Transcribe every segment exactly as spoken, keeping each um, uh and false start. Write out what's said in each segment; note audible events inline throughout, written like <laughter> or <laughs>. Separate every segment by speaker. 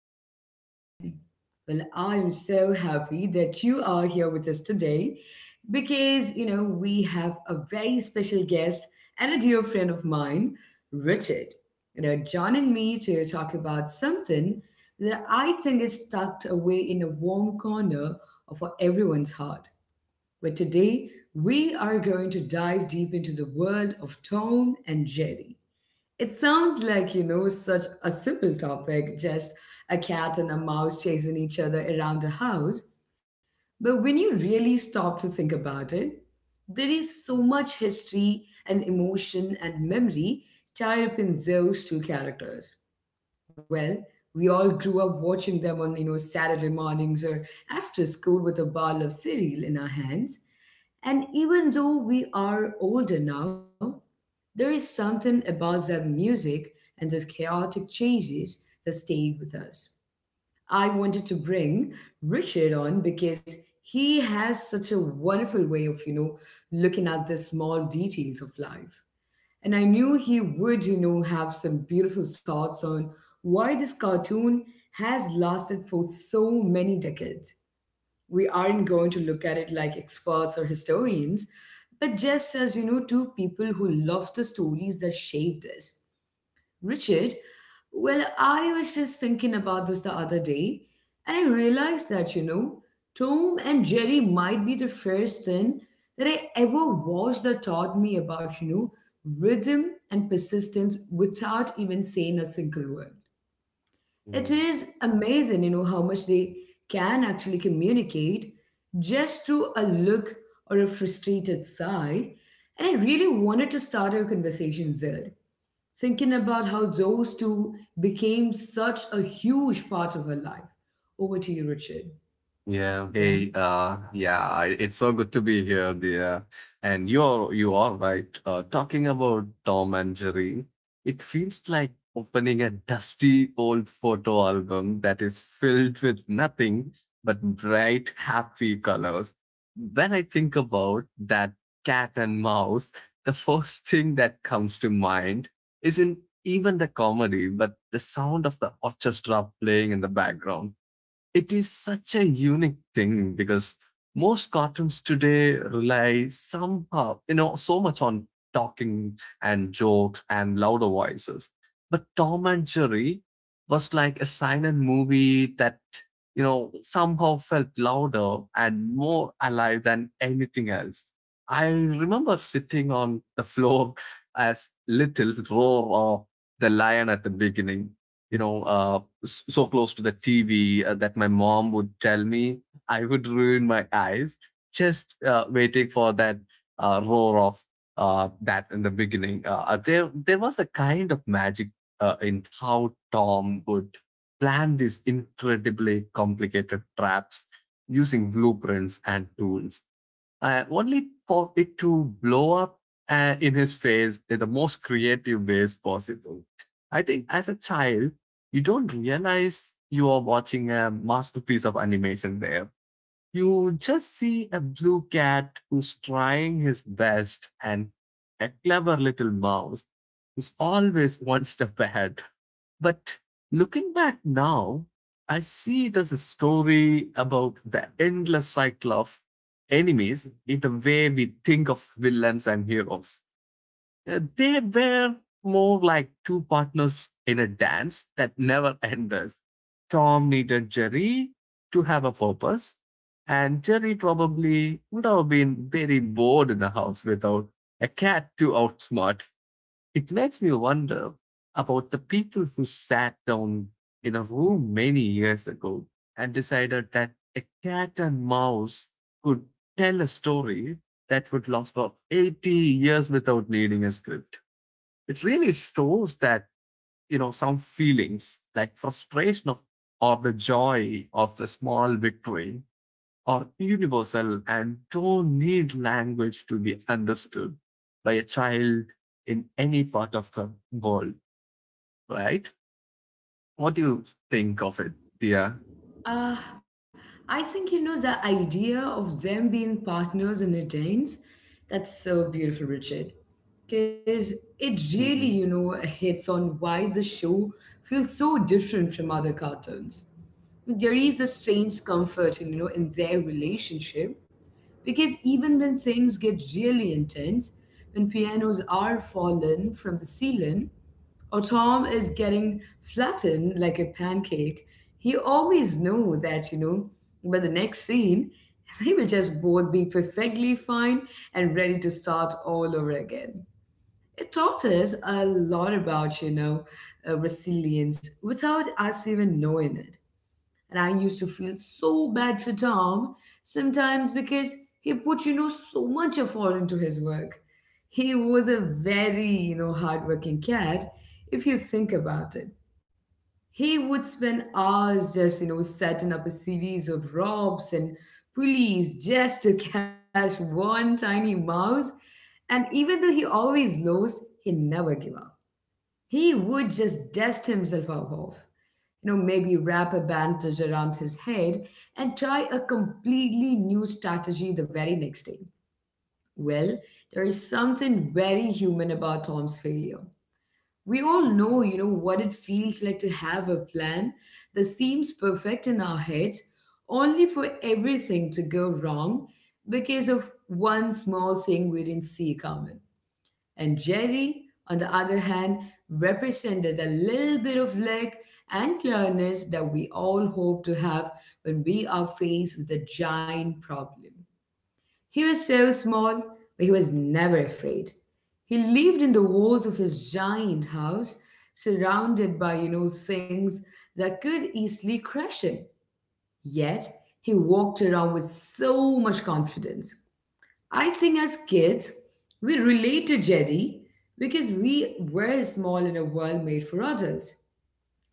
Speaker 1: feel like kids again. Well, I am so happy that you are here with us today because, you know, we have a very special guest and a dear friend of mine, Richard. You know, joining me to talk about something that I think is tucked away in a warm corner of everyone's heart where today we are going to dive deep into the world of Tom and Jerry. It sounds like, you know, such a simple topic, just a cat and a mouse chasing each other around a house. But when you really stop to think about it, there is so much history and emotion and memory tied up in those two characters. Well, we all grew up watching them on, you know, Saturday mornings or after school with a bottle of cereal in our hands, and even though we are older now, there is something about the music and those chaotic chases that stayed with us. I wanted to bring Richard on because he has such a wonderful way of, you know, looking at the small details of life. And I knew he would, you know, have some beautiful thoughts on why this cartoon has lasted for so many decades. We aren't going to look at it like experts or historians, but just as, you know, two people who love the stories that shaped us. Richard, well, I was just thinking about this the other day, and I realized that, you know, Tom and Jerry might be the first thing that I ever watched that taught me about, you know, rhythm and persistence without even saying a single word. It
Speaker 2: Mm.
Speaker 1: is amazing, you know, how much they can actually communicate just through a look or a frustrated sigh. And I really wanted to start our conversation there, thinking about how those two became such a huge part of her life. Over to you, Richard.
Speaker 2: Yeah. Hey. Uh. Yeah. I- It's so good to be here, dear. And you're you are right. Uh, talking about Tom and Jerry, it feels like opening a dusty old photo album that is filled with nothing but bright, happy colors. When I think about that cat and mouse, the first thing that comes to mind isn't even the comedy, but the sound of the orchestra playing in the background. It is such a unique thing because most cartoons today rely somehow, you know, so much on talking and jokes and louder voices. But Tom and Jerry was like a silent movie that, you know, somehow felt louder and more alive than anything else. I remember sitting on the floor as little roar of the lion at the beginning, you know, uh, s- so close to the T V uh, that my mom would tell me I would ruin my eyes just uh, waiting for that uh, roar of uh, that in the beginning. Uh, uh, there, there was a kind of magic uh, in how Tom would plan these incredibly complicated traps using blueprints and tools, uh, only for it to blow up uh, in his face in the most creative ways possible. I think as a child, you don't realize you are watching a masterpiece of animation there. You just see a blue cat who's trying his best and a clever little mouse who's always one step ahead. But looking back now, I see it as a story about the endless cycle of enemies in the way we think of villains and heroes. Uh, They were more like two partners in a dance that never ended. Tom needed Jerry to have a purpose, and Jerry probably would have been very bored in the house without a cat to outsmart. It makes me wonder about the people who sat down in a room many years ago and decided that a cat and mouse could tell a story that would last for eighty years without needing a script. It really shows that, you know, some feelings like frustration of, or the joy of the small victory are universal and don't need language to be understood by a child in any part of the world, right? What do you think of it, dear?
Speaker 1: Uh, I think you know the idea of them being partners in a dance. That's so beautiful, Richard. Because it really, you know, hits on why the show feels so different from other cartoons. There is a strange comfort in, you know, in their relationship, because even when things get really intense, when pianos are fallen from the ceiling or tom is getting flattened like a pancake, he always know that, you know, by the next scene <laughs> they will just both be perfectly fine and ready to start all over again. It taught us a lot about, you know, uh, resilience without us even knowing it. And I used to feel so bad for Tom sometimes because he put, you know, so much effort into his work. He was a very, you know, hardworking cat if you think about it. He would spend hours just, you know, setting up a series of ropes and pulleys just to <laughs> catch one tiny mouse. And even though he always lost, he never gave up. He would just dust himself off, you know, maybe wrap a bandage around his head and try a completely new strategy the very next day. Well, there is something very human about Tom's failure. We all know, you know, what it feels like to have a plan that seems perfect in our heads, only for everything to go wrong because of one small thing we didn't see coming. And Jerry, on the other hand, represented a little bit of leg and clearness that we all hope to have when we are faced with a giant problem. He was so small, but he was never afraid. He lived in the walls of his giant house, surrounded by, you know, things that could easily crush him. Yet, he walked around with so much confidence. I think as kids, we relate to Jerry because we were small in a world made for adults.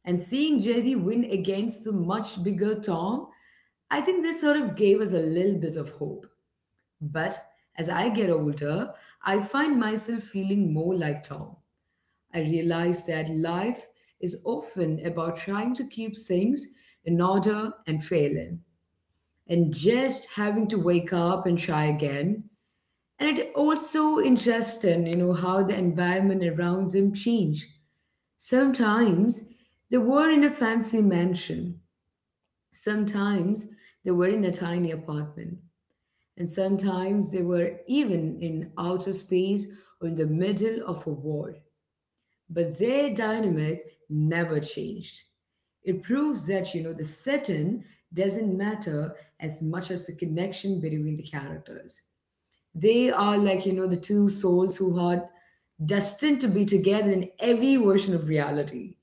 Speaker 1: And seeing Jerry win against the much bigger Tom, I think this sort of gave us a little bit of hope. But as I get older, I find myself feeling more like Tom. I realize that life is often about trying to keep things in order and failing, and just having to wake up and try again. And it also interesting, you know, how the environment around them change. Sometimes they were in a fancy mansion. Sometimes they were in a tiny apartment. And sometimes they were even in outer space or in the middle of a war. But their dynamic never changed. It proves that, you know, the setting doesn't matter as much as the connection between the characters. They are like, you know, the two souls who are destined to be together in every version of reality.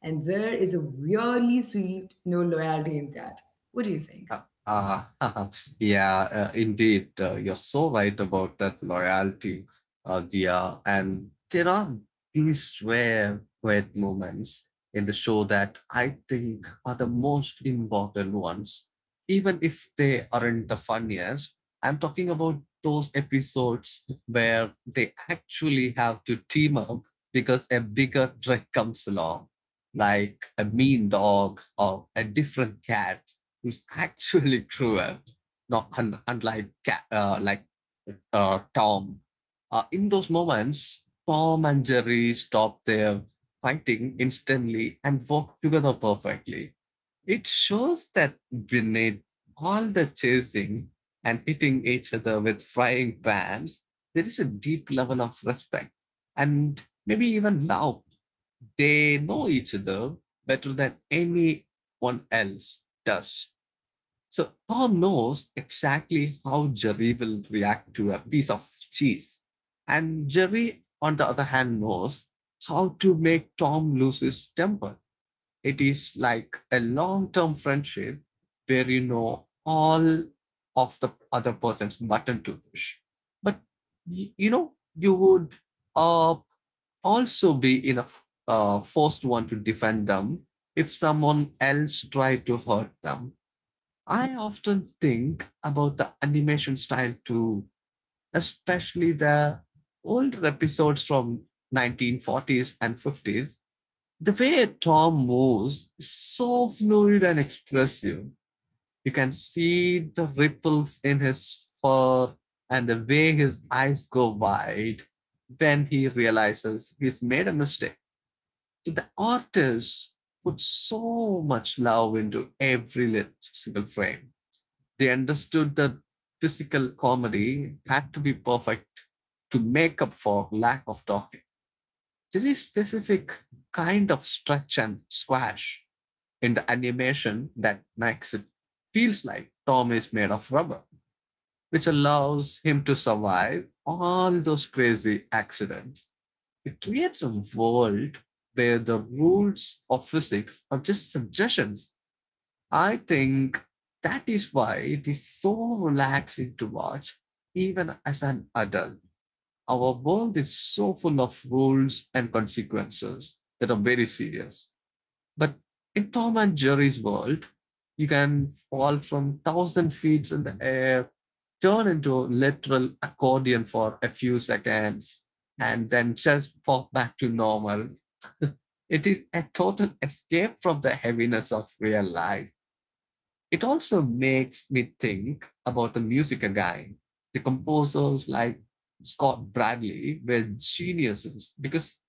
Speaker 1: And there is a really sweet, no loyalty in that. What do you think?
Speaker 2: Ah, ah, <laughs> yeah, uh, indeed. Uh, you're so right about that loyalty, uh, Dia. And there are these rare, great moments in the show that I think are the most important ones. Even if they aren't the funniest, I'm talking about those episodes where they actually have to team up because a bigger threat comes along, like a mean dog or a different cat is actually cruel, not un- unlike uh, like uh, Tom. Uh, in those moments, Tom and Jerry stop their fighting instantly and work together perfectly. It shows that beneath all the chasing and hitting each other with frying pans, there is a deep level of respect and maybe even love. They know each other better than anyone else does. So Tom knows exactly how Jerry will react to a piece of cheese. And Jerry, on the other hand, knows how to make Tom lose his temper. It is like a long term friendship where you know all of the other person's button to push. But you know, you would uh, also be in a uh, forced one to defend them if someone else tried to hurt them. I often think about the animation style too, especially the older episodes from nineteen forties and fifties. The way Tom moves is so fluid and expressive. You can see the ripples in his fur and the way his eyes go wide when he realizes he's made a mistake. So the artist put so much love into every lit- single frame. They understood that physical comedy had to be perfect to make up for lack of talking. There is specific kind of stretch and squash in the animation that makes it feels like Tom is made of rubber, which allows him to survive all those crazy accidents. It creates a world where the rules of physics are just suggestions. I think that is why it is so relaxing to watch, even as an adult. Our world is so full of rules and consequences that are very serious. But in Tom and Jerry's world, you can fall from thousand feet in the air, turn into a literal accordion for a few seconds, and then just pop back to normal. It is a total escape from the heaviness of real life. It also makes me think about the music again. The composers like Scott Bradley were geniuses because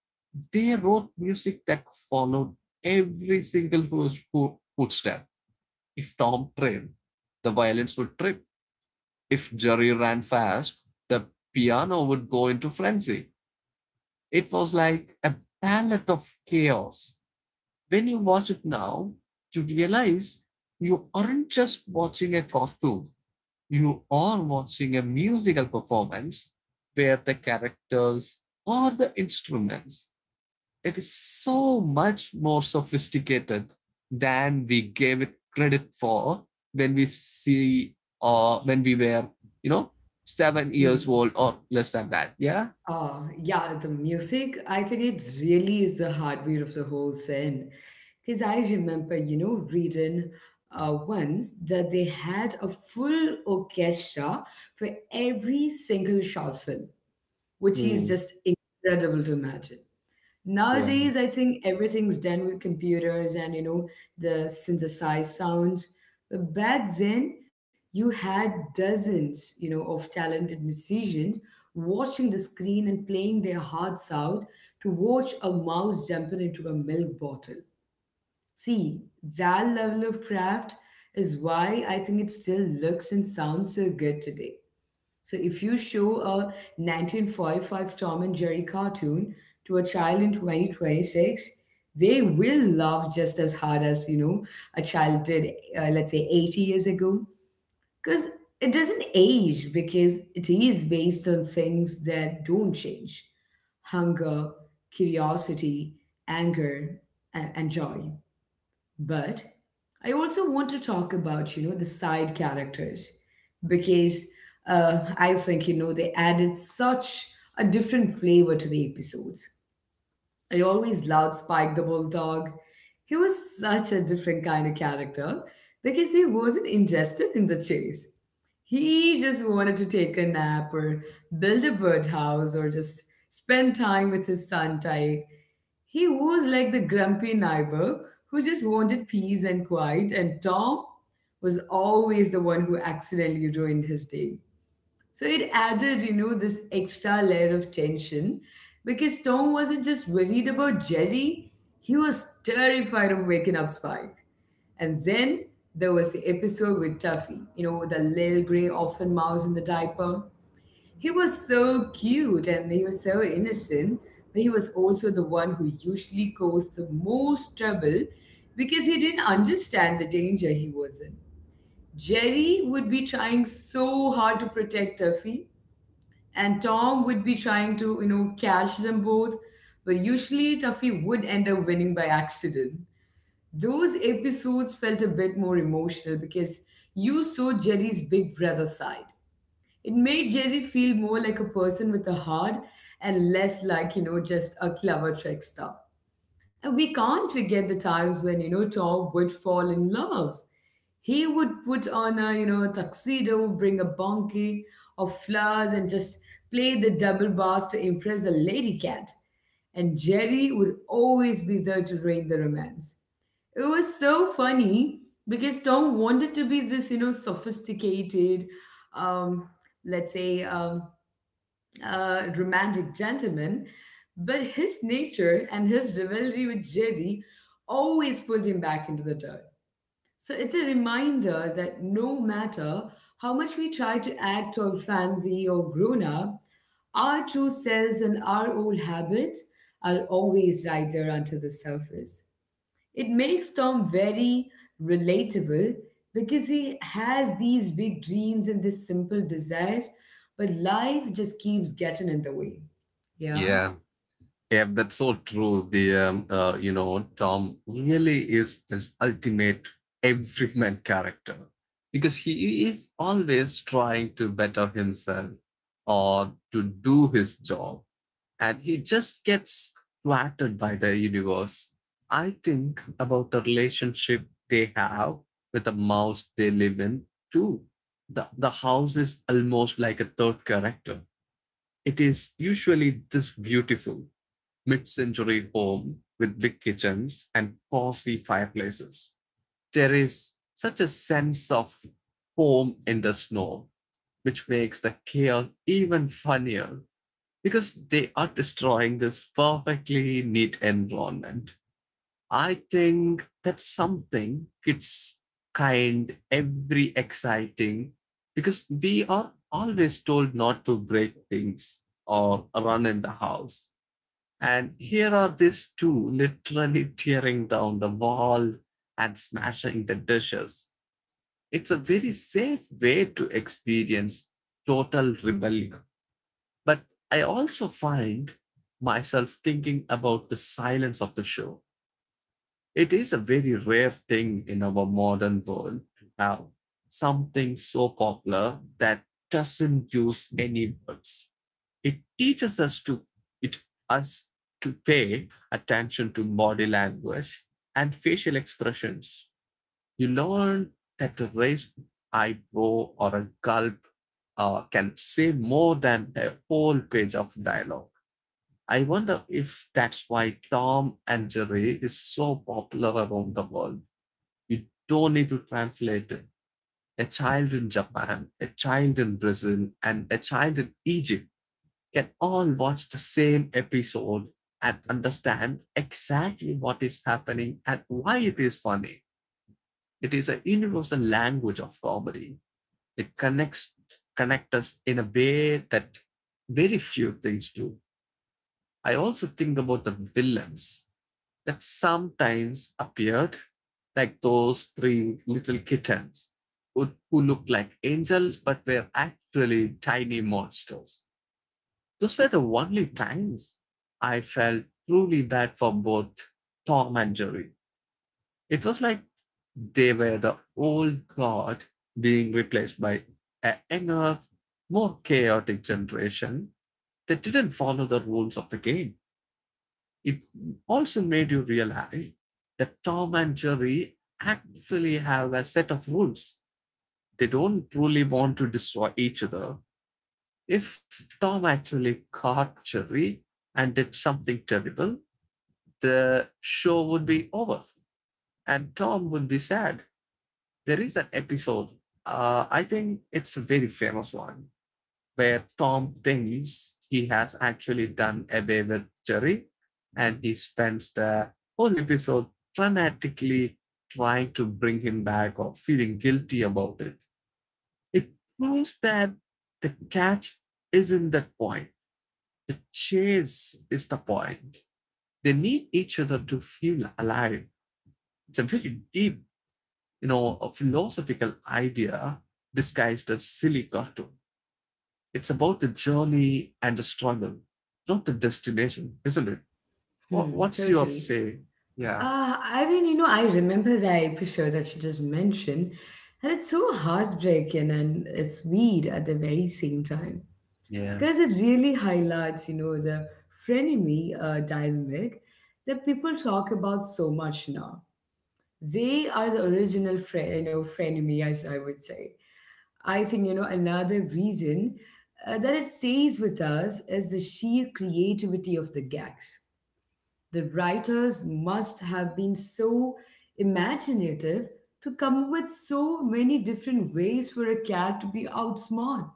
Speaker 2: they wrote music that followed every single foot- foot- footstep. If Tom trailed, the violins would trip. If Jerry ran fast, the piano would go into frenzy. It was like a palette of chaos. When you watch it now, you realize you aren't just watching a cartoon. You are watching a musical performance where the characters or the instruments, it is so much more sophisticated than we gave it credit for when we see or uh, when we were you know seven years
Speaker 1: Hmm.
Speaker 2: old or less than that, yeah.
Speaker 1: Uh, yeah, the music, I think it really is the heartbeat of the whole thing. Because I remember, you know, reading uh, once that they had a full orchestra for every single short film, which is
Speaker 2: Mm,
Speaker 1: just incredible to imagine.
Speaker 2: yeah.
Speaker 1: Nowadays, I think everything's done with computers and, you know, the synthesized sounds. But back then you had dozens, you know, of talented musicians watching the screen and playing their hearts out to watch a mouse jumping into a milk bottle. See, that level of craft is why I think it still looks and sounds so good today. So if you show a nineteen forty-five Tom and Jerry cartoon to a child in twenty twenty-six, they will laugh just as hard as, you know, a child did, uh, let's say eighty years ago. Because it doesn't age because it is based on things that don't change. Hunger, curiosity, anger, a- and joy. But I also want to talk about, you know, the side characters because uh, I think, you know, they added such a different flavor to the episodes. I always loved Spike the Bulldog. He was such a different kind of character because he wasn't interested in the chase. He just wanted to take a nap or build a birdhouse or just spend time with his son Tyke. He was like the grumpy neighbor who just wanted peace and quiet, and Tom was always the one who accidentally ruined his day. So it added, you know, this extra layer of tension because Tom wasn't just worried about Jerry, he was terrified of waking up Spike. And then there was the episode with Tuffy, you know, the little gray orphan mouse in the diaper. He was so cute and he was so innocent, but he was also the one who usually caused the most trouble because he didn't understand the danger he was in. Jerry would be trying so hard to protect Tuffy and Tom would be trying to, you know, catch them both, but usually Tuffy would end up winning by accident. Those episodes felt a bit more emotional because you saw Jerry's big brother side. It made Jerry feel more like a person with a heart and less like, you know, just a clever trickster. And we can't forget the times when, you know, Tom would fall in love. He would put on a, you know, tuxedo, bring a bouquet of flowers and just play the double bass to impress the lady cat. And Jerry would always be there to rein the romance. It was so funny because Tom wanted to be this, you know, sophisticated, um, let's say, um, uh, romantic gentleman, but his nature and his rivalry with Jerry always pulled him back into the dirt. So it's a reminder that no matter how much we try to act or fancy or grown up, our true selves and our old habits are always right there under the surface. It makes Tom very relatable because he has these big dreams and these simple desires, but life just keeps getting in the way. Yeah,
Speaker 2: yeah Yeah, that's so true. The um, uh, you know Tom really is this ultimate everyman character because he is always trying to better himself or to do his job, and he just gets flattered by the universe. I think about the relationship they have with the mouse they live in too. The the house is almost like a third character. It is usually this beautiful mid century home with big kitchens and cozy fireplaces. There is such a sense of home in the snow, which makes the chaos even funnier because they are destroying this perfectly neat environment. I think that's something kids kind every exciting because we are always told not to break things or run in the house. And here are these two literally tearing down the wall and smashing the dishes. It's a very safe way to experience total rebellion. But I also find myself thinking about the silence of the show. It is a very rare thing in our modern world now, something so popular that doesn't use any words. It teaches us to it us to pay attention to body language and facial expressions. You learn that a raised eyebrow or a gulp uh, can say more than a whole page of dialogue. I wonder if that's why Tom and Jerry is so popular around the world. You don't need to translate it. A child in Japan, a child in Brazil, and a child in Egypt can all watch the same episode and understand exactly what is happening and why it is funny. It is a universal language of comedy. It connects connect us in a way that very few things do. I also think about the villains that sometimes appeared, like those three little kittens who, who looked like angels but were actually tiny monsters. Those were the only times I felt truly bad for both Tom and Jerry. It was like they were the old guard being replaced by a younger, more chaotic generation that didn't follow the rules of the game. It also made you realize that Tom and Jerry actually have a set of rules. They don't truly want to destroy each other. If Tom actually caught Jerry and did something terrible, the show would be over and Tom would be sad. There is an episode, uh, I think it's a very famous one, where Tom thinks he has actually done away with Jerry and he spends the whole episode frantically trying to bring him back or feeling guilty about it. It proves that the catch isn't that point. The chase is the point. They need each other to feel alive. It's a very deep, you know, a philosophical idea disguised as silly cartoon. It's about the journey and the struggle, not the destination, isn't it? Wha-
Speaker 1: hmm,
Speaker 2: What's your
Speaker 1: totally.
Speaker 2: say? Yeah.
Speaker 1: Uh, I mean, you know, I remember that episode that you just mentioned, and it's so heartbreaking and uh, sweet at the very same time,
Speaker 2: Yeah.
Speaker 1: because it really highlights, you know, the frenemy uh, dynamic that people talk about so much now. They are the original friend, you know, frenemy, as I would say. I think, you know, another reason uh, that it stays with us is the sheer creativity of the gags. The writers must have been so imaginative to come up with so many different ways for a cat to be outsmart.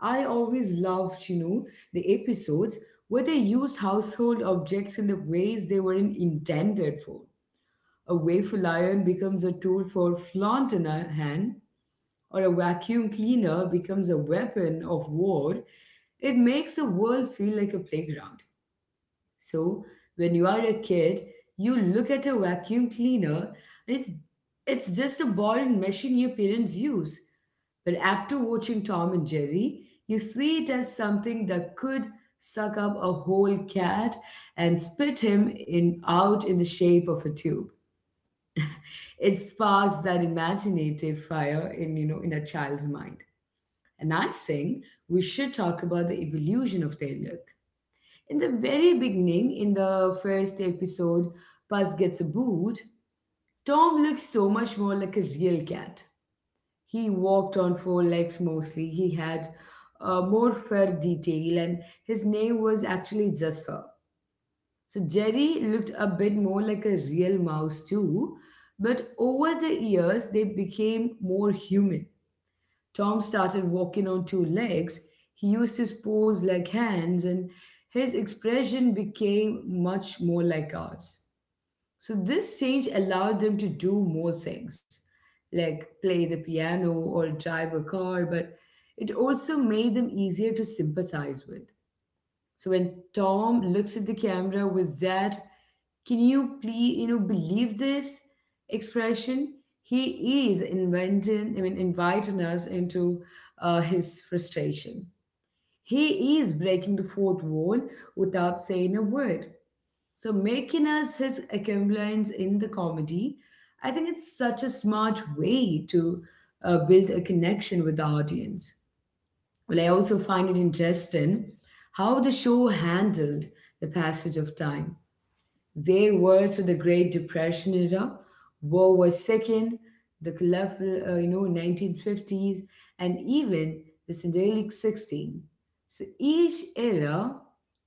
Speaker 1: I always loved, you know, the episodes where they used household objects in the ways they weren't intended for. A waffle iron becomes a tool for flaunt in a hand, or a vacuum cleaner becomes a weapon of war. It makes the world feel like a playground. So, when you are a kid, you look at a vacuum cleaner, and it's, it's just a ball and machine your parents use. But after watching Tom and Jerry, you see it as something that could suck up a whole cat and spit him in out in the shape of a tube. It sparks that imaginative fire in, you know, in a child's mind. And I think we should talk about the evolution of their look. In the very beginning, in the first episode, Puss Gets a Boot, Tom looked so much more like a real cat. He walked on four legs mostly. He had uh, more fur detail, and his name was actually just Fur. So Jerry looked a bit more like a real mouse too, but over the years they became more human. Tom started walking on two legs, he used his paws like hands, and his expression became much more like ours. So this change allowed them to do more things, like play the piano or drive a car, but it also made them easier to sympathize with. So when Tom looks at the camera with that, can you please, you know, believe this expression? He is inventing, I mean, inviting us into uh, his frustration. He is breaking the fourth wall without saying a word. So making us his accomplice in the comedy, I think it's such a smart way to uh, build a connection with the audience. Well, I also find it interesting how the show handled the passage of time. They were to the Great Depression era, World War Second, the colorful, uh, you know, nineteen fifties, and even the Syndicate sixteen. So each era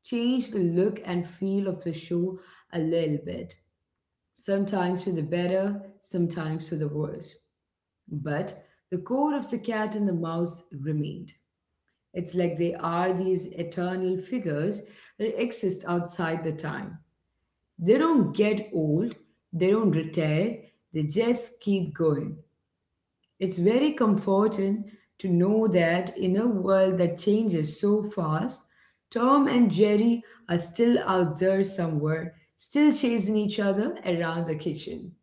Speaker 1: changed the look and feel of the show a little bit, sometimes to the better, sometimes to the worse. But the core of the cat and the mouse remained. It's like they are these eternal figures that exist outside the time. They don't get old, they don't retire, they just keep going. It's very comforting to know that in a world that changes so fast, Tom and Jerry are still out there somewhere, still chasing each other around the kitchen.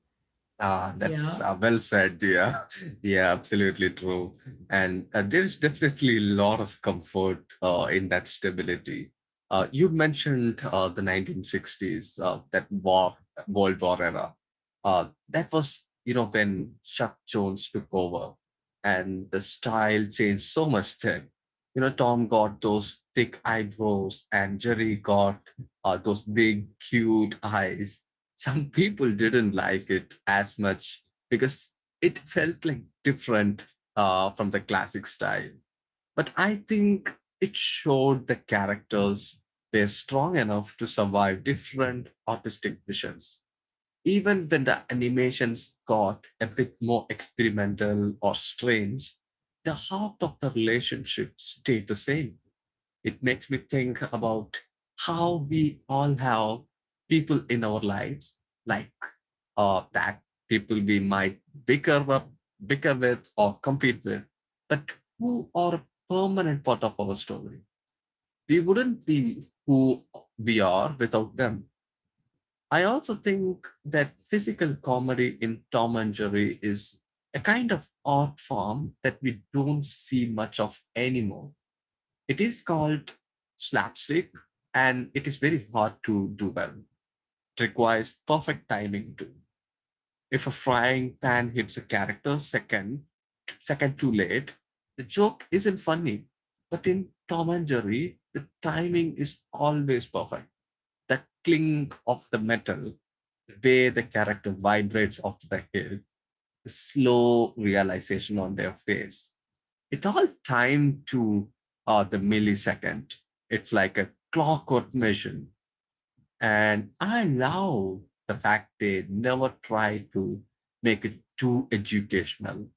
Speaker 2: Ah, that's
Speaker 1: Yeah,
Speaker 2: uh, well said, yeah. <laughs> Yeah, absolutely true. And uh, there's definitely a lot of comfort uh, in that stability. Uh, you mentioned uh, the nineteen sixties, uh, that war, World War era. Uh, that was, you know, when Chuck Jones took over and the style changed so much then. You know, Tom got those thick eyebrows and Jerry got uh, those big, cute eyes. Some people didn't like it as much because it felt like different uh, from the classic style. But I think it showed the characters they're strong enough to survive different artistic visions. Even when the animations got a bit more experimental or strange, the heart of the relationship stayed the same. It makes me think about how we all have people in our lives, like uh, that people we might bicker up bicker with or compete with, but who are a permanent part of our story. We wouldn't be who we are without them. I also think that physical comedy in Tom and Jerry is a kind of art form that we don't see much of anymore. It is called slapstick, and it is very hard to do well. It requires perfect timing too. If a frying pan hits a character second, second too late, the joke isn't funny. But in Tom and Jerry, the timing is always perfect. The clink of the metal, the way the character vibrates off the hit, the slow realization on their face, it all timed to uh, the millisecond. It's like a clockwork mission. And I love the fact they never try to make it too educational.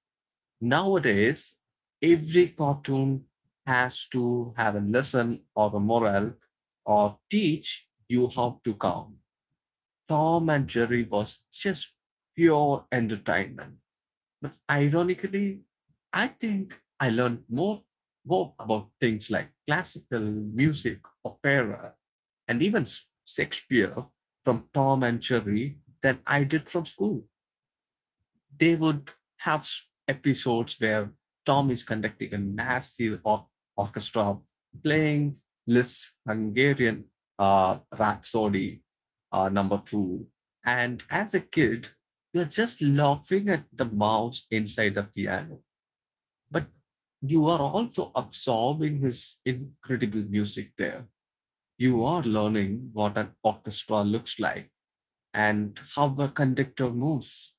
Speaker 2: Nowadays, every cartoon has to have a lesson or a moral or teach you how to count. Tom and Jerry was just pure entertainment. But ironically, I think I learned more more about things like classical music, opera, and even Shakespeare from Tom and Jerry than I did from school. They would have episodes where Tom is conducting a massive or- orchestra playing Liszt's Hungarian uh, Rhapsody uh, number two. And as a kid, you're just laughing at the mouse inside the piano, but you are also absorbing his incredible music there. You are learning what an orchestra looks like and how a conductor moves.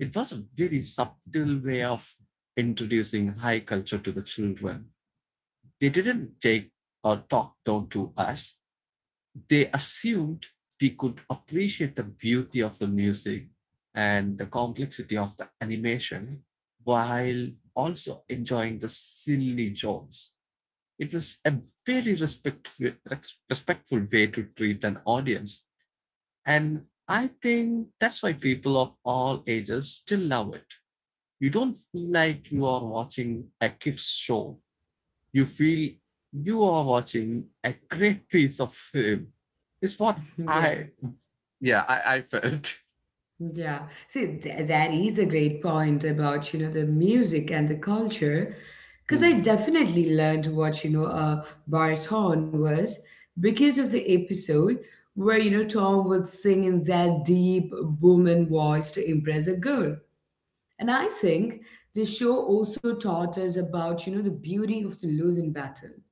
Speaker 2: It was a very subtle way of introducing high culture to the children. They didn't take or talk down to us. They assumed we could appreciate the beauty of the music and the complexity of the animation, while also enjoying the silly jokes. It was a very respectful, respectful way to treat an audience. And I think that's why people of all ages still love it. You don't feel like you are watching a kids show, you feel you are watching a great piece of film. It's what
Speaker 1: <laughs> yeah.
Speaker 2: I yeah i, I felt <laughs>
Speaker 1: Yeah. See, th- that is a great point about, you know, the music and the culture. Because I
Speaker 2: Hmm.
Speaker 1: definitely learned what, you know, a baritone was because of the episode where, you know, Tom would sing in that deep booming voice to impress a girl. And I think the show also taught us about, you know, the beauty of the losing battle.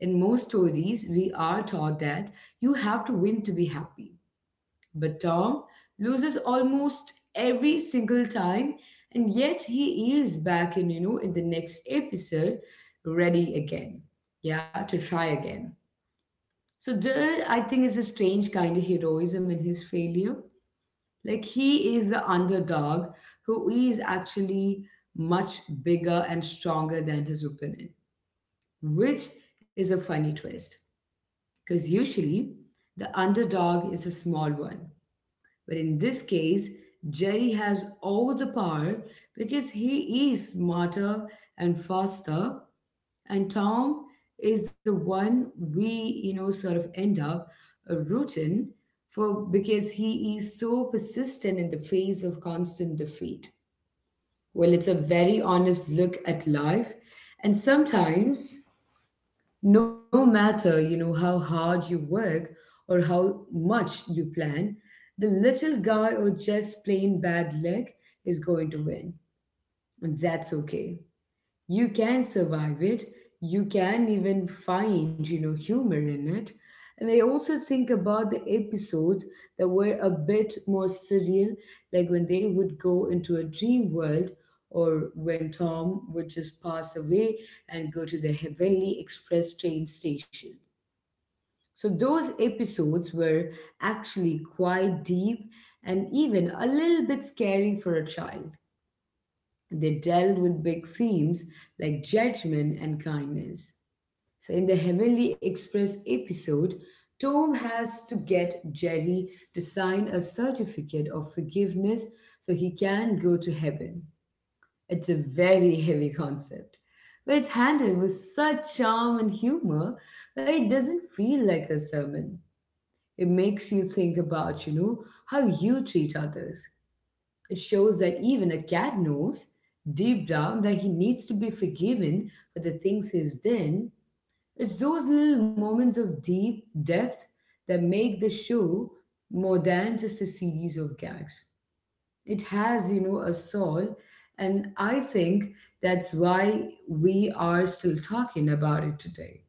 Speaker 1: In most stories, we are taught that you have to win to be happy. But Tom loses almost every single time, and yet he is back in, you know, in the next episode, ready again. Yeah, to try again. So there, I think, is a strange kind of heroism in his failure. Like he is the underdog who is actually much bigger and stronger than his opponent, which is a funny twist. Because usually the underdog is a small one. But in this case, Jerry has all the power because he is smarter and faster, and Tom is the one we, you know, sort of end up uh, rooting for because he is so persistent in the face of constant defeat. Well, it's a very honest look at life, and sometimes, no matter, you know, how hard you work or how much you plan, the little guy or just plain bad luck is going to win. And that's okay, you can survive it. You can even find, you know, humor in it. And I also think about the episodes that were a bit more surreal, like when they would go into a dream world, or when Tom would just pass away and go to the Heavenly Express train station. So those episodes were actually quite deep and even a little bit scary for a child. They dealt with big themes like judgment and kindness. So in the Heavenly Express episode, Tom has to get Jerry to sign a certificate of forgiveness so he can go to heaven. It's a very <laughs> heavy concept, but it's handled with such charm and humor that it doesn't feel like a sermon. It makes you think about, you know, how you treat others. It shows that even a cat knows deep down that he needs to be forgiven for the things he's done. It's those little moments of deep depth that make the show more than just a series of gags. It has, you know, a soul, and I think that's why we are still talking about it today.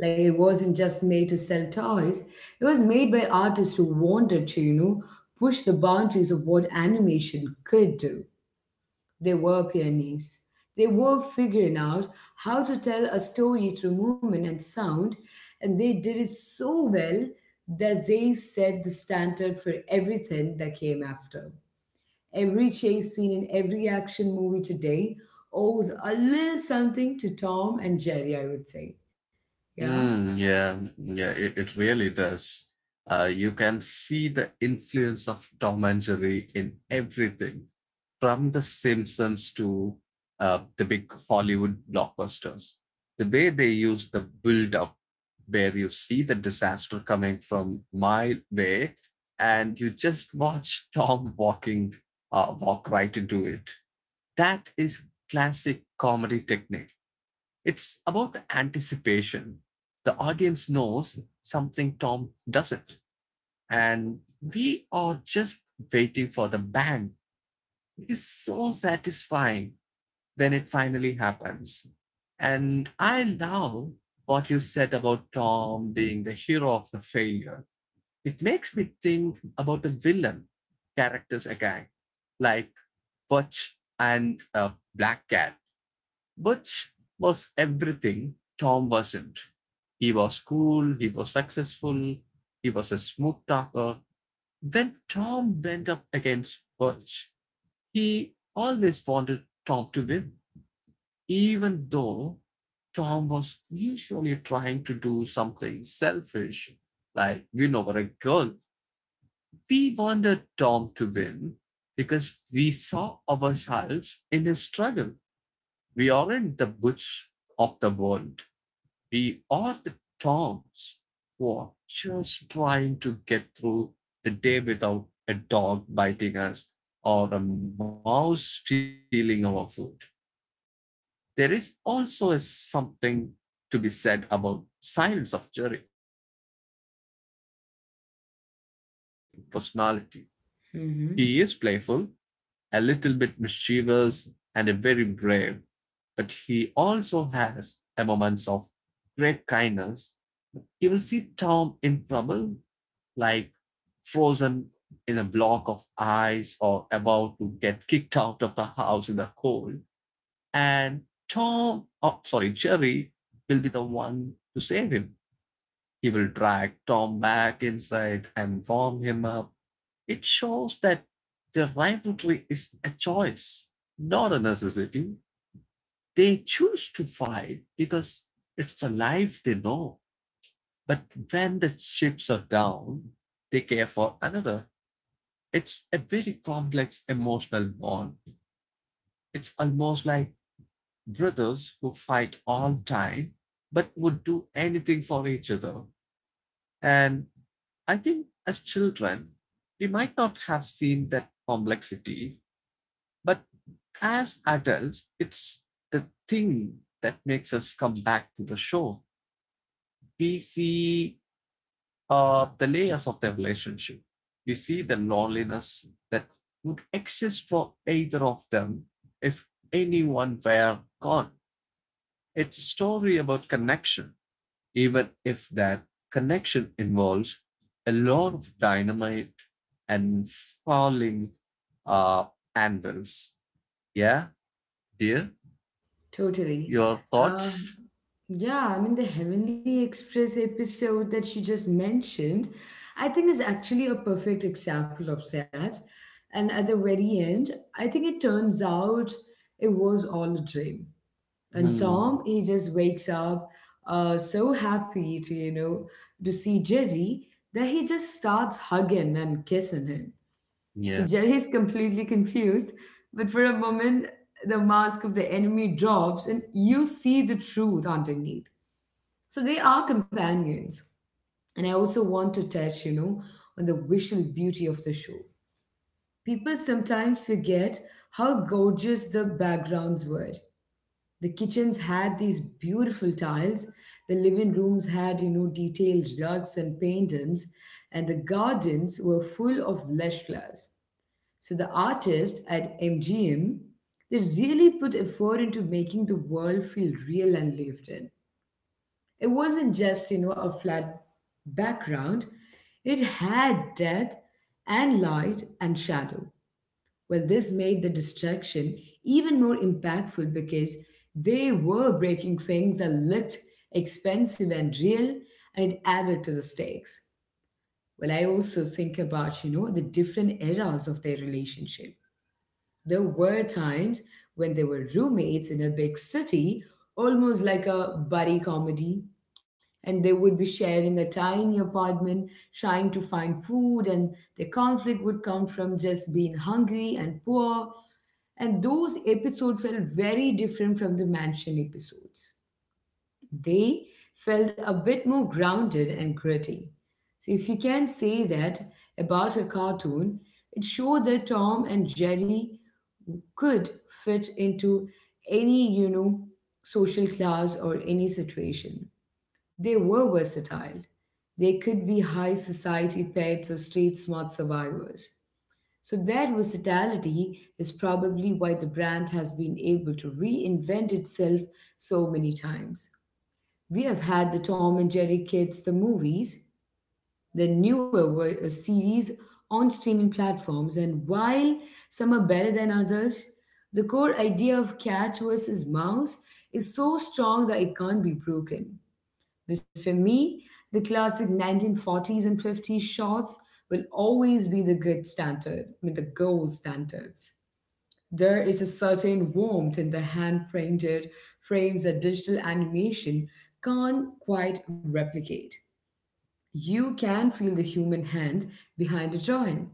Speaker 1: Like it wasn't just made to sell toys, it was made by artists who wanted to, you know, push the boundaries of what animation could do. They were pioneers. They were figuring out how to tell a story through movement and sound, and they did it so well that they set the standard for everything that came after. Every chase scene in every action movie today owes a little something to Tom and Jerry, I would say. Yeah?
Speaker 2: Mm, yeah, yeah, it, it really does. Uh, you can see the influence of Tom and Jerry in everything, from The Simpsons to uh, the big Hollywood blockbusters. The way they use the build up, where you see the disaster coming from mile way, and you just watch <laughs> Tom walking, uh, walk right into it. That is classic comedy technique. It's about the anticipation. The audience knows something Tom doesn't, and we are just waiting for the bang. It is so satisfying when it finally happens. And I love what you said about Tom being the hero of the failure. It makes me think about the villain characters again, like Butch and uh, Black Cat. Butch was everything Tom wasn't. He was cool, he was successful, he was a smooth talker. When Tom went up against Butch, he always wanted Tom to win, even though Tom was usually trying to do something selfish, like win over a girl. We wanted Tom to win because we saw ourselves in his struggle. We aren't the butch of the world. We are the dogs who are just trying to get through the day without a dog biting us or a mouse stealing our food. There is also a something to be said about silence of Jerry. He never speaks, but he has a, such a big personality. He
Speaker 1: Hmm.
Speaker 2: is playful, a little bit mischievous, and a very brave, but he also has a moments of great kindness. You will see Tom in trouble, like frozen in a block of ice or about to get kicked out of the house in the cold. And Tom, oh, sorry, Jerry will be the one to save him. He will drag Tom back inside and warm him up. It shows that their rivalry is a choice, not a necessity. They choose to fight because it's a life they know. But when the chips are down, they care for another. It's a very complex emotional bond. It's almost like brothers who fight all time but would do anything for each other. And I think as children, we might not have seen that complexity, but as adults, it's the thing that makes us come back to the show. We see uh, the layers of the relationship. You see the loneliness that would exist for either of them if anyone were gone. It's a story about connection, even if that connection involves a lot of dynamite and falling uh, anvils. Yeah, dear,
Speaker 1: Totally.
Speaker 2: your
Speaker 1: Uh,
Speaker 2: thoughts?
Speaker 1: yeah, I mean, the Heavenly Express episode that you just mentioned, I think is actually a perfect example of that. And at the very end, I think it turns out it was all a dream. And Tom,
Speaker 2: Hmm.
Speaker 1: he just wakes up uh, so happy to, you know, to see Jerry, that he just starts hugging and kissing him. So
Speaker 2: Yeah,
Speaker 1: Jerry is completely confused, but for a moment, the mask of the enemy drops and you see the truth underneath. So they are companions. And I also want to touch, you know, on the visual beauty of the show. People sometimes forget how gorgeous the backgrounds were. The kitchens had these beautiful tiles, the living rooms had, you know, detailed rugs and paintings, and the gardens were full of lush flowers. So the artists at M G M, they really put effort into making the world feel real and lived in. It wasn't just, you know, a flat background. It had depth and light and shadow. Well, this made the distraction even more impactful because they were breaking things that looked expensive and real, and it added to the stakes. Well, I also think about, you know, the different eras of their relationship. There were times when they were roommates in a big city, almost like a buddy comedy, and they would be sharing a tiny apartment, trying to find food, and the conflict would come from just being hungry and poor. And those episodes felt very different from the mansion episodes. They felt a bit more grounded and gritty. So if you can say that about a cartoon, it showed that Tom and Jerry could fit into any, you know, social class or any situation. They were versatile. They could be high society pets or street smart survivors. So that versatility is probably why the brand has been able to reinvent itself so many times. We have had the Tom and Jerry kids, the movies, the newer were a series on streaming platforms, and while some are better than others, the core idea of cat versus mouse is so strong that it can't be broken. But for me, the classic nineteen forties and fifties shots will always be the good standard, I mean, the gold standards. There is a certain warmth in the hand printed frames that digital animation can't quite replicate. You can feel the human hand behind the joint.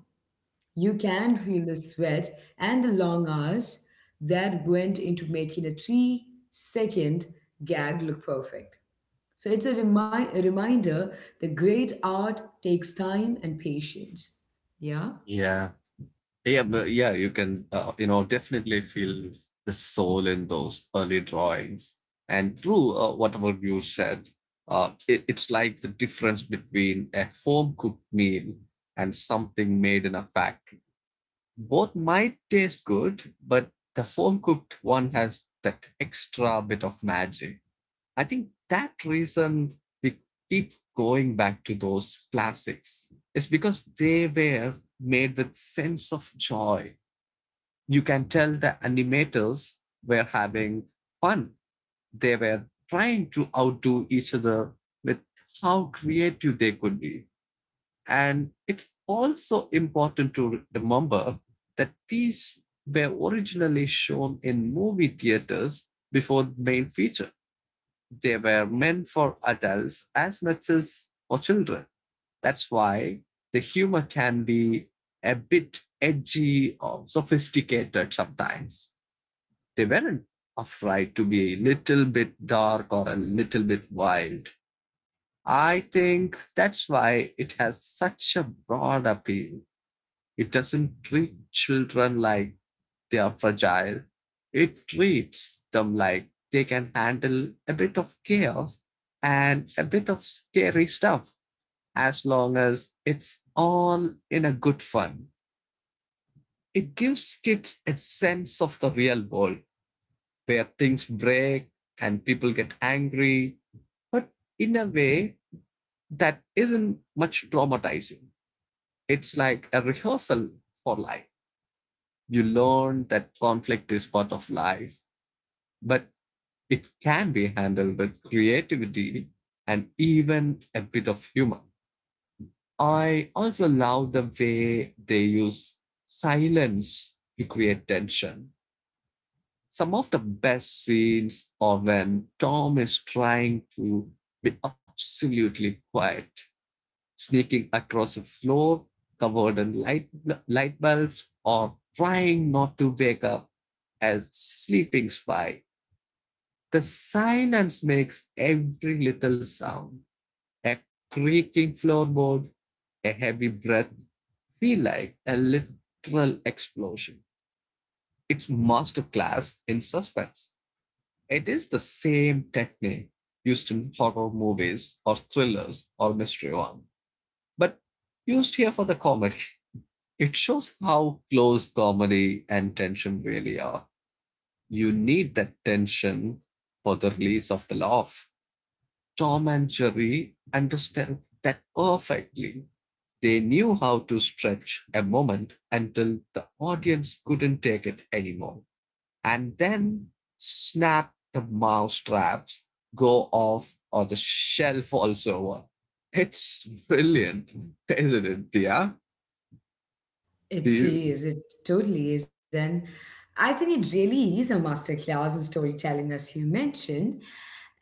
Speaker 1: You can feel the sweat and the long hours that went into making a three second gag look perfect. So it's a, remi- a reminder that great art takes time and patience. Yeah?
Speaker 2: yeah. Yeah, but yeah, you can, uh, you know, definitely feel the soul in those early drawings. And true, uh, whatever you said, uh, it, it's like the difference between a home cooked meal and something made in a factory. Both might taste good, but the home cooked one has that extra bit of magic. I think that reason we keep going back to those classics is because they were made with sense of joy. You can tell the animators were having fun. They were trying to outdo each other with how creative they could be. And it's also important to remember that these were originally shown in movie theaters before the main feature. They were meant for adults as much as for children. That's why the humor can be a bit edgy or sophisticated sometimes. They weren't afraid to be a little bit dark or a little bit wild. I think that's why it has such a broad appeal. It doesn't treat children like they are fragile. It treats them like they can handle a bit of chaos and a bit of scary stuff as long as it's all in a good fun. It gives kids a sense of the real world where things break and people get angry, but in a way that isn't much traumatizing. It's like a rehearsal for life. You learn that conflict is part of life, but it can be handled with creativity and even a bit of humor. I also love the way they use silence to create tension. Some of the best scenes are when Tom is trying to be absolutely quiet, sneaking across a floor covered in light, light bulbs, or trying not to wake up a sleeping spy. The silence makes every little sound, a creaking floorboard, a heavy breath, feel like a literal explosion. It's masterclass in suspense. It is the same technique used in horror movies or thrillers or mystery one, but used here for the comedy. It shows how close comedy and tension really are. You need that tension for the release of the laugh. Tom and Jerry understand that perfectly. They knew how to stretch a moment until the audience couldn't take it anymore. And then snap the mousetraps go off or the shell falls over. It's brilliant, isn't it, Dia? Do
Speaker 1: It
Speaker 2: you-
Speaker 1: is, it totally is. And I think it really is a masterclass in storytelling, as you mentioned.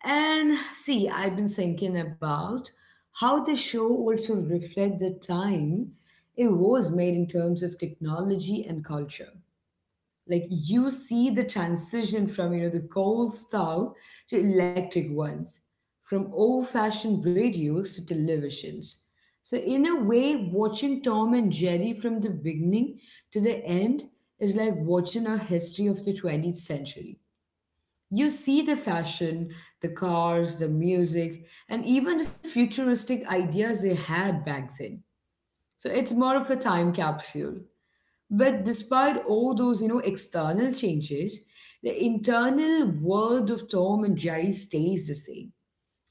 Speaker 1: And see, I've been thinking about how the show also reflect the time it was made in terms of technology and culture. Like you see the transition from, you know, the coal stove to electric ones, from old-fashioned radios to televisions. So in a way, watching Tom and Jerry from the beginning to the end is like watching a history of the twentieth century. You see the fashion, the cars, the music, and even the futuristic ideas they had back then. So it's more of a time capsule, but despite all those, you know, external changes, the internal world of Tom and Jerry stays the same.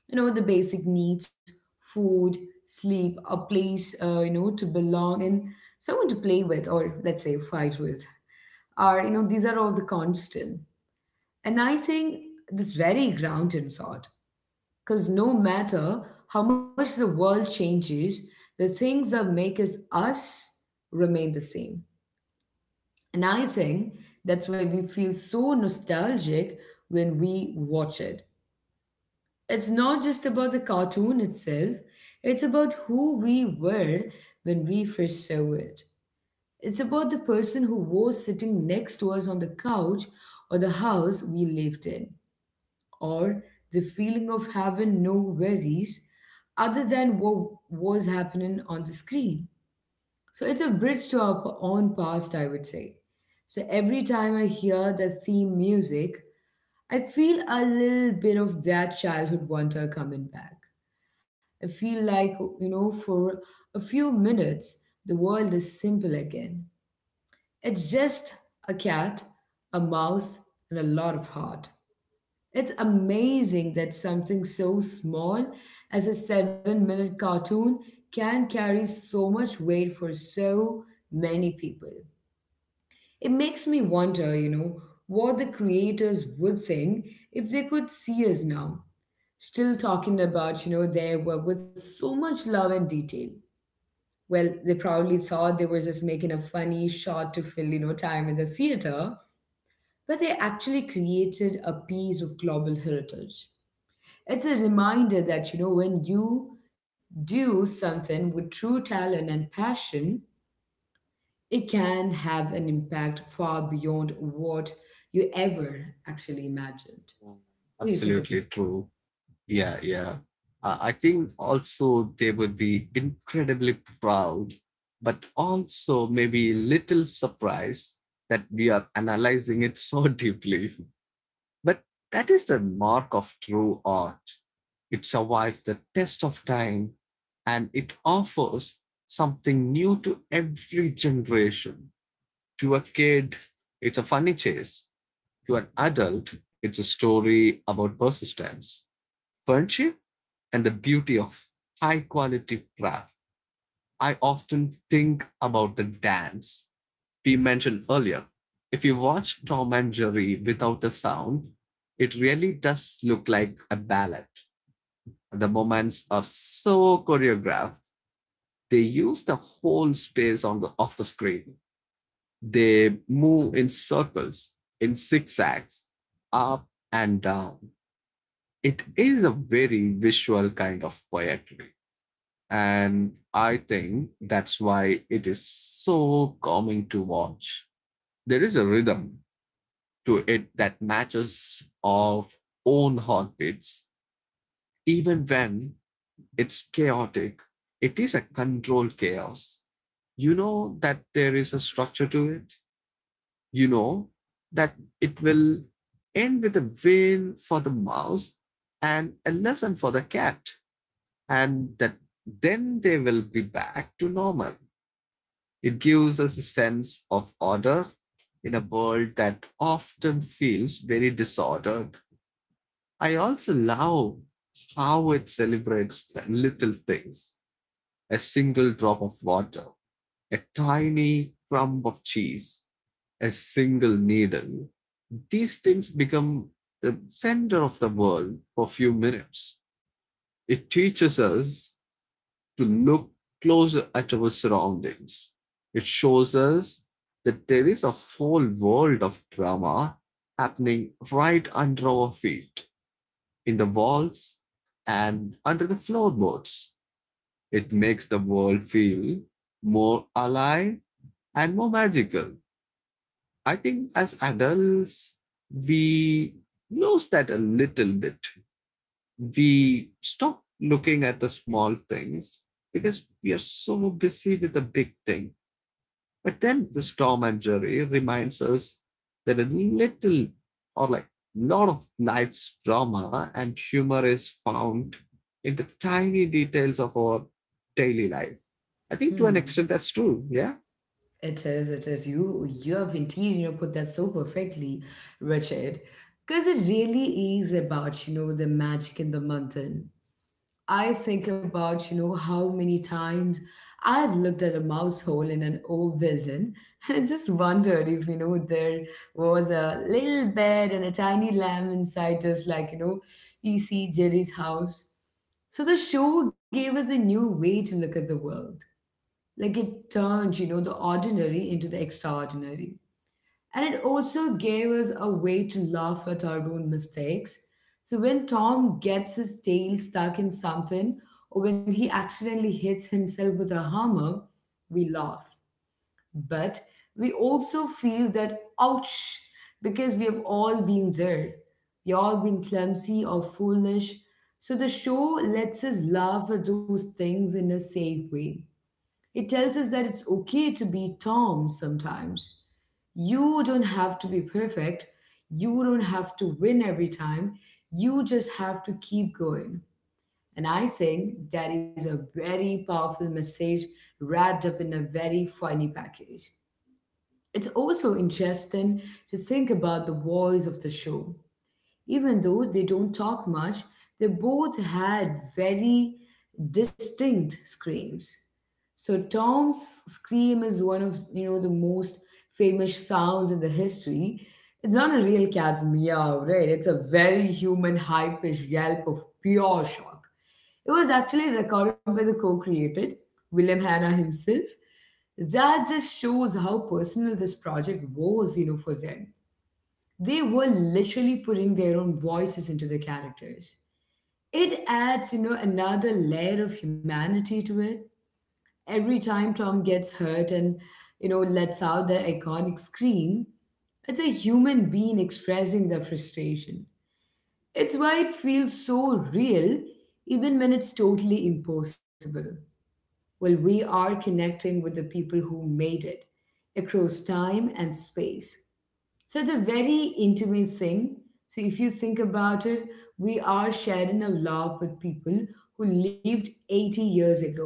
Speaker 1: You know, the basic needs, food, sleep, a place, uh, you know, to belong, and someone to play with, or let's say fight with, are, you know, these are all the constant. And I think this very grounded thought, because no matter how much the world changes, the things that make us us remain the same. And I think that's why we feel so nostalgic when we watch it. It's not just about the cartoon itself, it's about who we were when we first saw it. It's about the person who was sitting next to us on the couch or the house we lived in, or the feeling of having no worries other than what was happening on the screen. So it's a bridge to our p- own past, I would say. So every time I hear the theme music, I feel a little bit of that childhood wonder coming back. I feel like, you know, for a few minutes, the world is simple again. It's just a cat, a mouse, and a lot of heart. It's amazing that something so small as a seven minute cartoon can carry so much weight for so many people. It makes me wonder, you know, what the creators would think if they could see us now. Still talking about, you know, their work with so much love and detail. Well, they probably thought they were just making a funny shot to fill, you know, time in the theater, but they actually created a piece of global heritage. It's a reminder that, you know, when you do something with true talent and passion, it can have an impact far beyond what you ever actually imagined. What do you think about?
Speaker 2: Absolutely true. Yeah, yeah. Uh, I think also they would be incredibly proud, but also maybe a little surprised that we are analyzing it so <laughs> deeply. But that is the mark of true art. It survives the test of time and it offers something new to every generation. To a kid, it's a funny chase. To an adult, it's a story about persistence. Weren't you? And the beauty of high quality craft, I often think about the dance we mentioned earlier. If you watch Tom and Jerry without the sound, it really does look like a ballet. The moments are so choreographed. They use the whole space on the of the screen. They move in circles, in zigzags, up and down. It is a very visual kind of poetry. And I think that's why it is so calming to watch. There is a rhythm to it that matches our own heartbeats, even when it's chaotic. It is a controlled chaos. You know that there is a structure to it. You know that it will end with a win for the mouse and a lesson for the cat, and that then they will be back to normal. It gives us a sense of order in a world that often feels very disordered. I also love how it celebrates the little things, a single drop of water, a tiny crumb of cheese, a single needle. These things become the center of the world for a few minutes. It teaches us to look closer at our surroundings. It shows us that there is a whole world of drama happening right under our feet, in the walls and under the floorboards. It makes the world feel more alive and more magical. I think as adults, we lose that a little bit. We stop looking at the small things because we are so busy with the big thing. But then this Tom and Jerry reminds us that a little or like lot of life's drama and humor is found in the tiny details of our daily life. I think to an
Speaker 1: Hmm.
Speaker 2: extent that's true. Yeah.
Speaker 1: It is. It is. You. You have indeed, you know, put that so perfectly, Richard. Because it really is about, you know, the magic in the mountain. I think about, you know, how many times I've looked at a mouse hole in an old building <laughs> and I just wondered if, you know, there was a little bed and a tiny lamb inside, just like, you know, E C. Jerry's house. So the show gave us a new way to look at the world. Like it turned, you know, the ordinary into the extraordinary. And it also gave us a way to laugh at our own mistakes. So when Tom gets his tail stuck in something, or when he accidentally hits himself with a hammer, we laugh. But we also feel that ouch, because we have all been there. We all been clumsy or foolish. So the show lets us laugh at those things in a safe way. It tells us that it's okay to be Tom sometimes. You don't have to be perfect. You don't have to win every time. You just have to keep going. And I think that is a very powerful message wrapped up in a very funny package. It's also interesting to think about the voice of the show. Even though they don't talk much, they both had very distinct screams. So Tom's scream is one of, you know, the most famous sounds in the history. It's not a real cat's meow, right? It's a very human high-pitched yelp of pure shock. It was actually recorded by the co-creator, William Hanna himself. That just shows how personal this project was, you know, for them. They were literally putting their own voices into the characters. It adds, you know, another layer of humanity to it. Every time Tom gets hurt and, you know, lets out that iconic scream, it's a human being expressing their frustration. It's why it feels so real, even when it's totally impossible. Well, we are connecting with the people who made it across time and space. So it's a very intimate thing. So if you think about it, we are sharing a love with people who lived eighty years ago.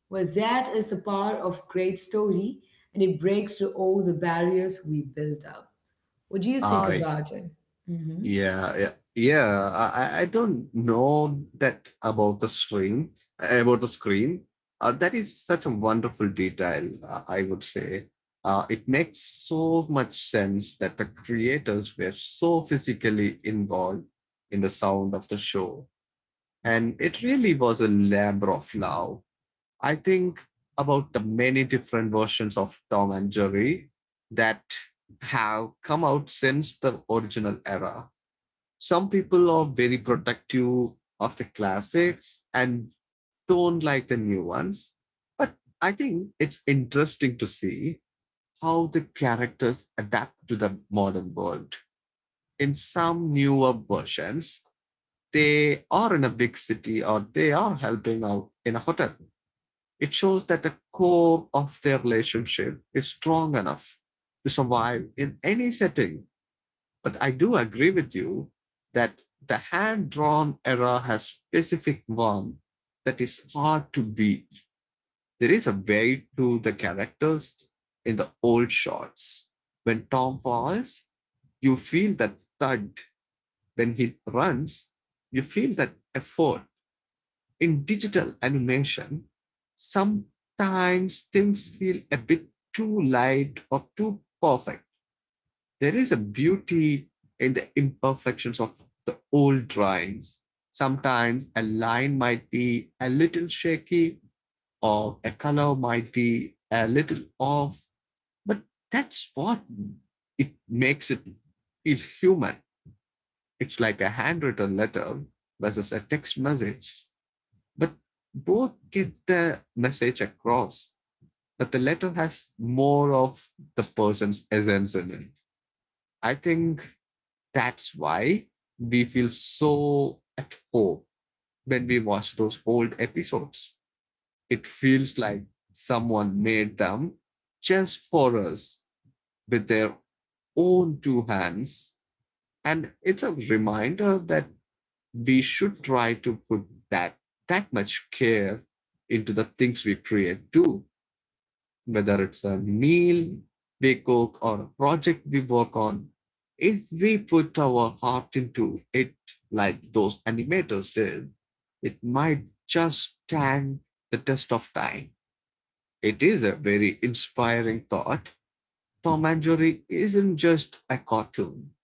Speaker 1: Well, that is the power of great story, and it breaks through all the barriers we built up. What do you think
Speaker 2: I
Speaker 1: about it? Mm-hmm.
Speaker 2: Yeah, yeah, yeah. I, I- I don't know that about the screen, about the screen. Uh, that is such a wonderful detail, uh, I would say. Uh, it makes so much sense that the creators were so physically involved in the sound of the show. And it really was a labor of love. I think about the many different versions of Tom and Jerry that have come out since the original era. Some people are very protective of the classics and don't like the new ones. But I think it's interesting to see how the characters adapt to the modern world. In some newer versions, they are in a big city or they are helping out in a hotel. It shows that the core of their relationship is strong enough to survive in any setting, but I do agree with you that the hand drawn era has specific one that is hard to beat. There is a way to the characters in the old shots. When Tom falls, you feel that thud. When he runs, you feel that effort. In digital animation, sometimes things feel a bit too light or too perfect. There is a beauty in the imperfections of the old drawings. Sometimes a line might be a little shaky or a color might be a little off, but that's what it makes it feel human. It's like a handwritten letter versus a text message, but both get the message across. But the letter has more of the person's essence in it. I think that's why we feel so at home when we watch those old episodes. It feels like someone made them just for us with their own two hands. And it's a reminder that we should try to put that that much care into the things we create too. Whether it's a meal we cook or a project we work on, if we put our heart into it like those animators did, it might just stand the test of time. It is a very inspiring thought. Tom and Jerry isn't just a cartoon,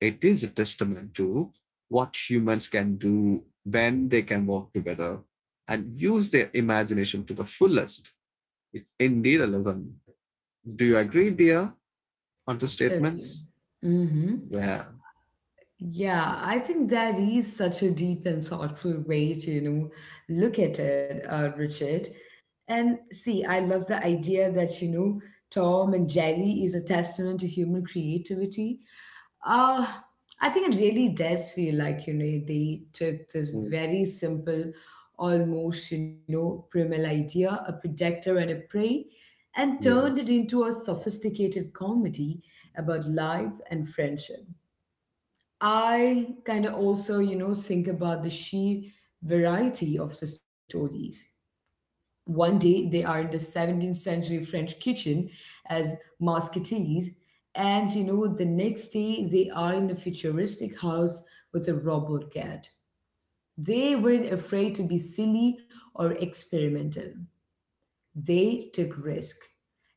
Speaker 2: it is a testament to what humans can do when they can work together and use their imagination to the fullest. It's indeed a lesson. Do you agree, dear, on the
Speaker 1: Totally.
Speaker 2: statements?
Speaker 1: Mm-hmm.
Speaker 2: Yeah.
Speaker 1: Yeah, I think that is such a deep and thoughtful way to, you know, look at it, uh, Richard. And see, I love the idea that, you know, Tom and Jerry is a testament to human creativity. Uh, I think it really does feel like, you know, they took this
Speaker 2: Mm.
Speaker 1: very simple, almost, you know, primal idea, a protector and a prey, and turned
Speaker 2: Yeah.
Speaker 1: it into a sophisticated comedy about life and friendship. I kind of also, you know, think about the sheer variety of the stories. One day they are in the seventeenth century French kitchen as musketeers, and, you know, the next day they are in a futuristic house with a robot cat. They weren't afraid to be silly or experimental. They took risk.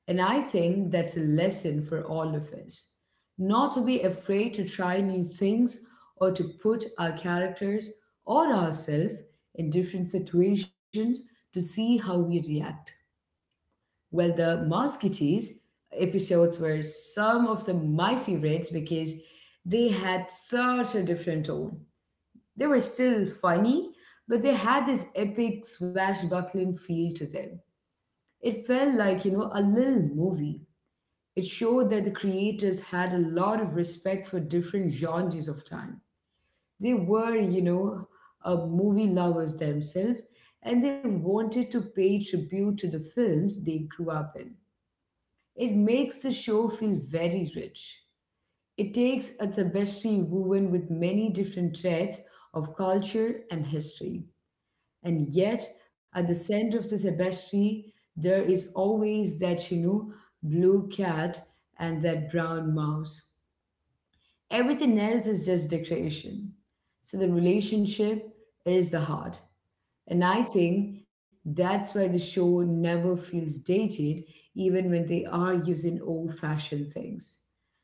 Speaker 1: And I think that's a lesson for all of us. Not to be afraid to try new things or to put our characters or ourselves in different situations to see how we react. Well, the Musketeers episodes were some of the my favorites because they had such a different tone. They were still funny, but they had this epic swashbuckling feel to them. It felt like, you know, a little movie. It showed that the creators had a lot of respect for different genres of time. They were, you know, uh, movie lovers themselves, and they wanted to pay tribute to the films they grew up in. It makes the show feel very rich. It takes a tapestry woven with many different threads of culture and history. And yet, at the center of the tapestry, there is always that, you know, blue cat and that brown mouse. Everything else is just decoration. So the relationship is the heart. And I think that's why the show never feels dated, even when they are using old fashioned things.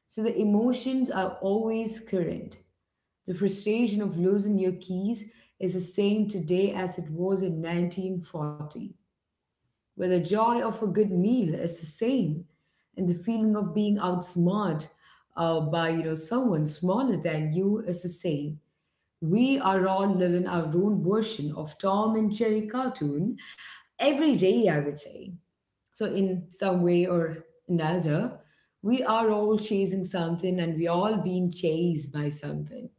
Speaker 1: So the emotions are always current. The frustration of losing your keys is the same today as it was in nineteen forty, where the joy of a good meal is the same, and the feeling of being outsmarted, uh, by, you know, someone smaller than you is the same. We are all living our own version of Tom and Jerry cartoon every day, I would say. So in some way or another, we are all chasing something and we all being chased by something.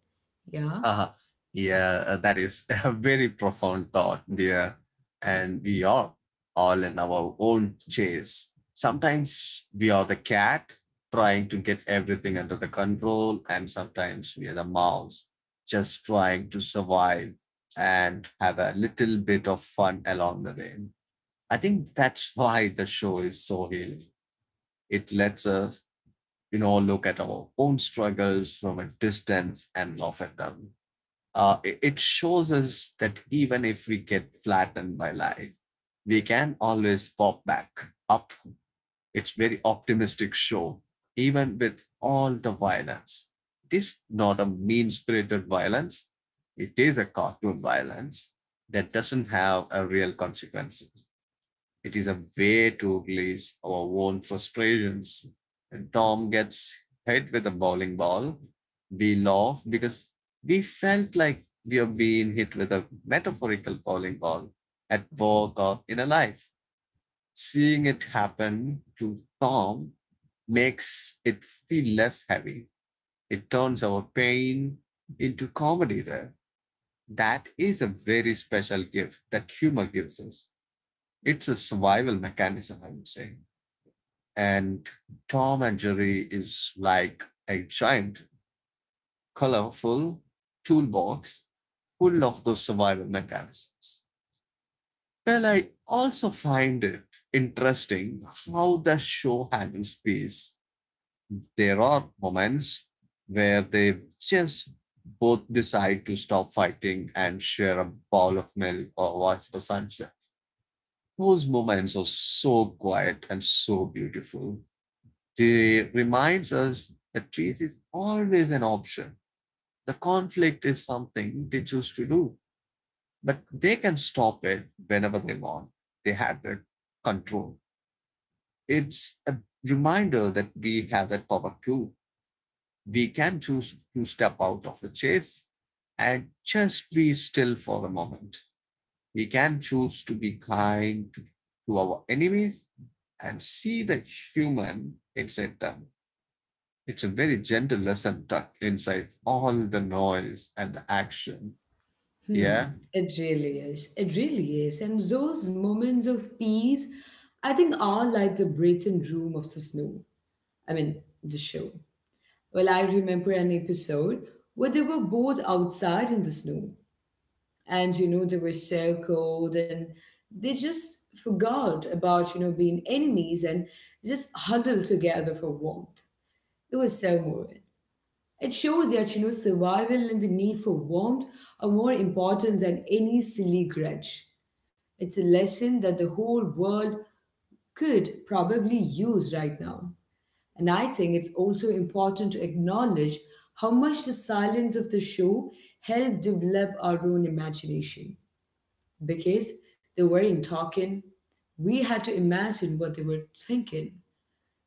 Speaker 1: Yeah.
Speaker 2: Uh-huh. Yeah, uh, that is <laughs> a very profound thought, dear. And we are all in our own chase. Sometimes we are the cat trying to get everything under the control, and sometimes we are the mouse just trying to survive and have a little bit of fun along the way. I think that's why the show is so healing. It lets us, you know, look at our own struggles from a distance and laugh at them. Uh, it, it shows us that even if we get flattened by life, we can always pop back up. It's very optimistic show, even with all the violence. It is not a mean-spirited violence. It is a cartoon violence that doesn't have a real consequences. It is a way to release our own frustrations. When Tom gets hit with a bowling ball, we laugh because we felt like we are being hit with a metaphorical bowling ball at work or in a life. Seeing it happen to Tom makes it feel less heavy. It turns our pain into comedy there. That is a very special gift that humor gives us. It's a survival mechanism, I would say. And Tom and Jerry is like a giant, colorful toolbox full of those survival mechanisms. Well, I also find it interesting how the show handles space. There are moments where they just both decide to stop fighting and share a bowl of milk or watch the sunset. Those moments are so quiet and so beautiful. It reminds us that peace is always an option. The conflict is something they choose to do, but they can stop it whenever they want. They have that control. It's a reminder that we have that power too. We can choose to step out of the chase and just be still for a moment. We can choose to be kind to our enemies and see the human inside them. It's a very gentle lesson tucked inside all the noise and the action.
Speaker 1: Hmm,
Speaker 2: Yeah,
Speaker 1: it really is. It really is. And those moments of peace, I think, are like the breathing room of the snow. I mean, the show. Well, I remember an episode where they were both outside in the snow. And, you know, they were so cold and they just forgot about, you know, being enemies and just huddled together for warmth. It was so moving. It showed that, you know, survival and the need for warmth are more important than any silly grudge. It's a lesson that the whole world could probably use right now. And I think it's also important to acknowledge how much the silence of the show helped develop our own imagination. Because they weren't talking, we had to imagine what they were thinking.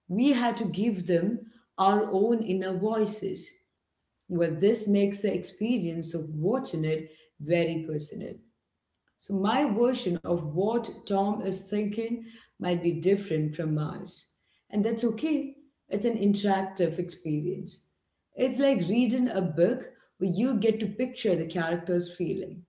Speaker 1: We had to give them our own inner voices. Well, this makes the experience of watching it very personal. So my version of what Tom is thinking might be different from ours. And that's okay. It's an interactive experience. It's like reading a book where you get to picture the character's feeling.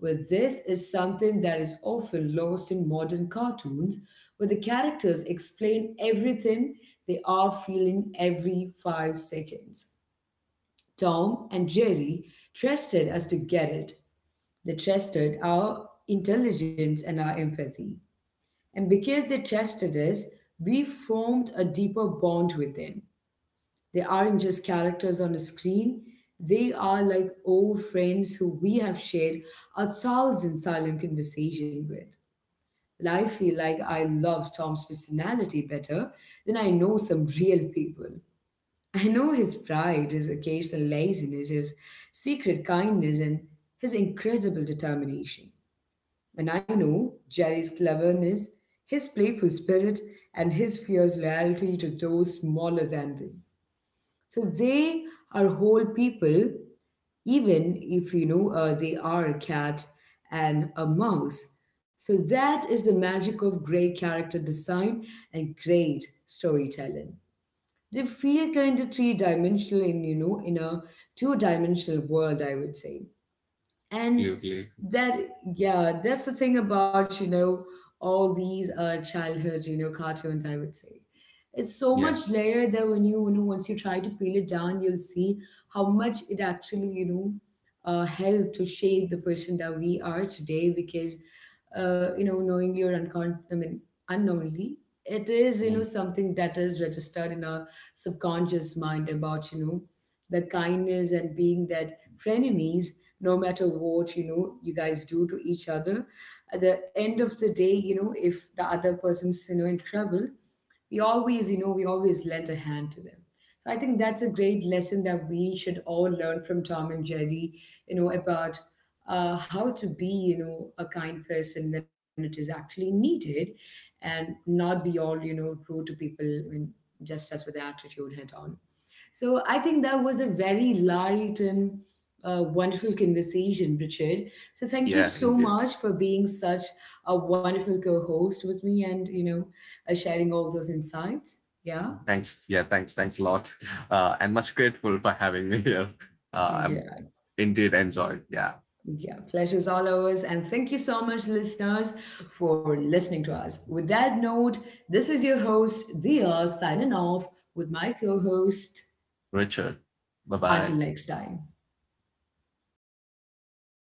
Speaker 1: Well, this is something that is often lost in modern cartoons where the characters explain everything they are feeling every five seconds. Tom and Jerry trusted us to get it. They trusted our intelligence and our empathy. And because they trusted us, we formed a deeper bond with them. They aren't just characters on a screen, they are like old friends who we have shared a thousand silent conversations with. And I feel like I love Tom's personality better than I know some real people. I know his pride, his occasional laziness, his secret kindness, and his incredible determination. And I know Jerry's cleverness, his playful spirit, and his fierce loyalty to those smaller than them. So they are whole people, even if, you know uh, they are a cat and a mouse. So that is the magic of great character design and great storytelling. They feel kind of three dimensional in, you know in a two dimensional world, I would say. And
Speaker 2: absolutely.
Speaker 1: that, yeah, that's the thing about, you know, all these, uh, childhood, you know, cartoons, I would say, it's so
Speaker 2: Yeah.
Speaker 1: much layer that when you, you know once you try to peel it down you'll see how much it actually, you know uh, helped to shape the person that we are today because, uh, you know, knowingly or uncon- I mean unknowingly, it is, you know,
Speaker 2: Mm.
Speaker 1: something that is registered in our subconscious mind about, you know, the kindness and being that frenemies, no matter what, you know, you guys do to each other, at the end of the day, you know, if the other person's, you know, in trouble, we always, you know we always lend a hand to them. So I think that's a great lesson that we should all learn from Tom and Jerry, you know, about, uh, how to be, you know, a kind person when it is actually needed and not be all, you know, rude to people. I just as with the attitude head on. So I think that was a very light and, uh, wonderful conversation, Richard. So thank you
Speaker 2: Yeah,
Speaker 1: so
Speaker 2: indeed.
Speaker 1: much for being such a wonderful co-host with me, and, you know, uh, sharing all those insights. Yeah.
Speaker 2: Thanks. Yeah, thanks. Thanks a lot. Uh, and much grateful for having me here. Uh, I'm
Speaker 1: Yeah,
Speaker 2: indeed enjoyed. Yeah.
Speaker 1: yeah, pleasure's all ours. And thank you so much, listeners, for listening to us. With that note, this is your host, Dia, signing off with my co host.
Speaker 2: Richard, bye
Speaker 1: Until
Speaker 2: bye.
Speaker 1: next time.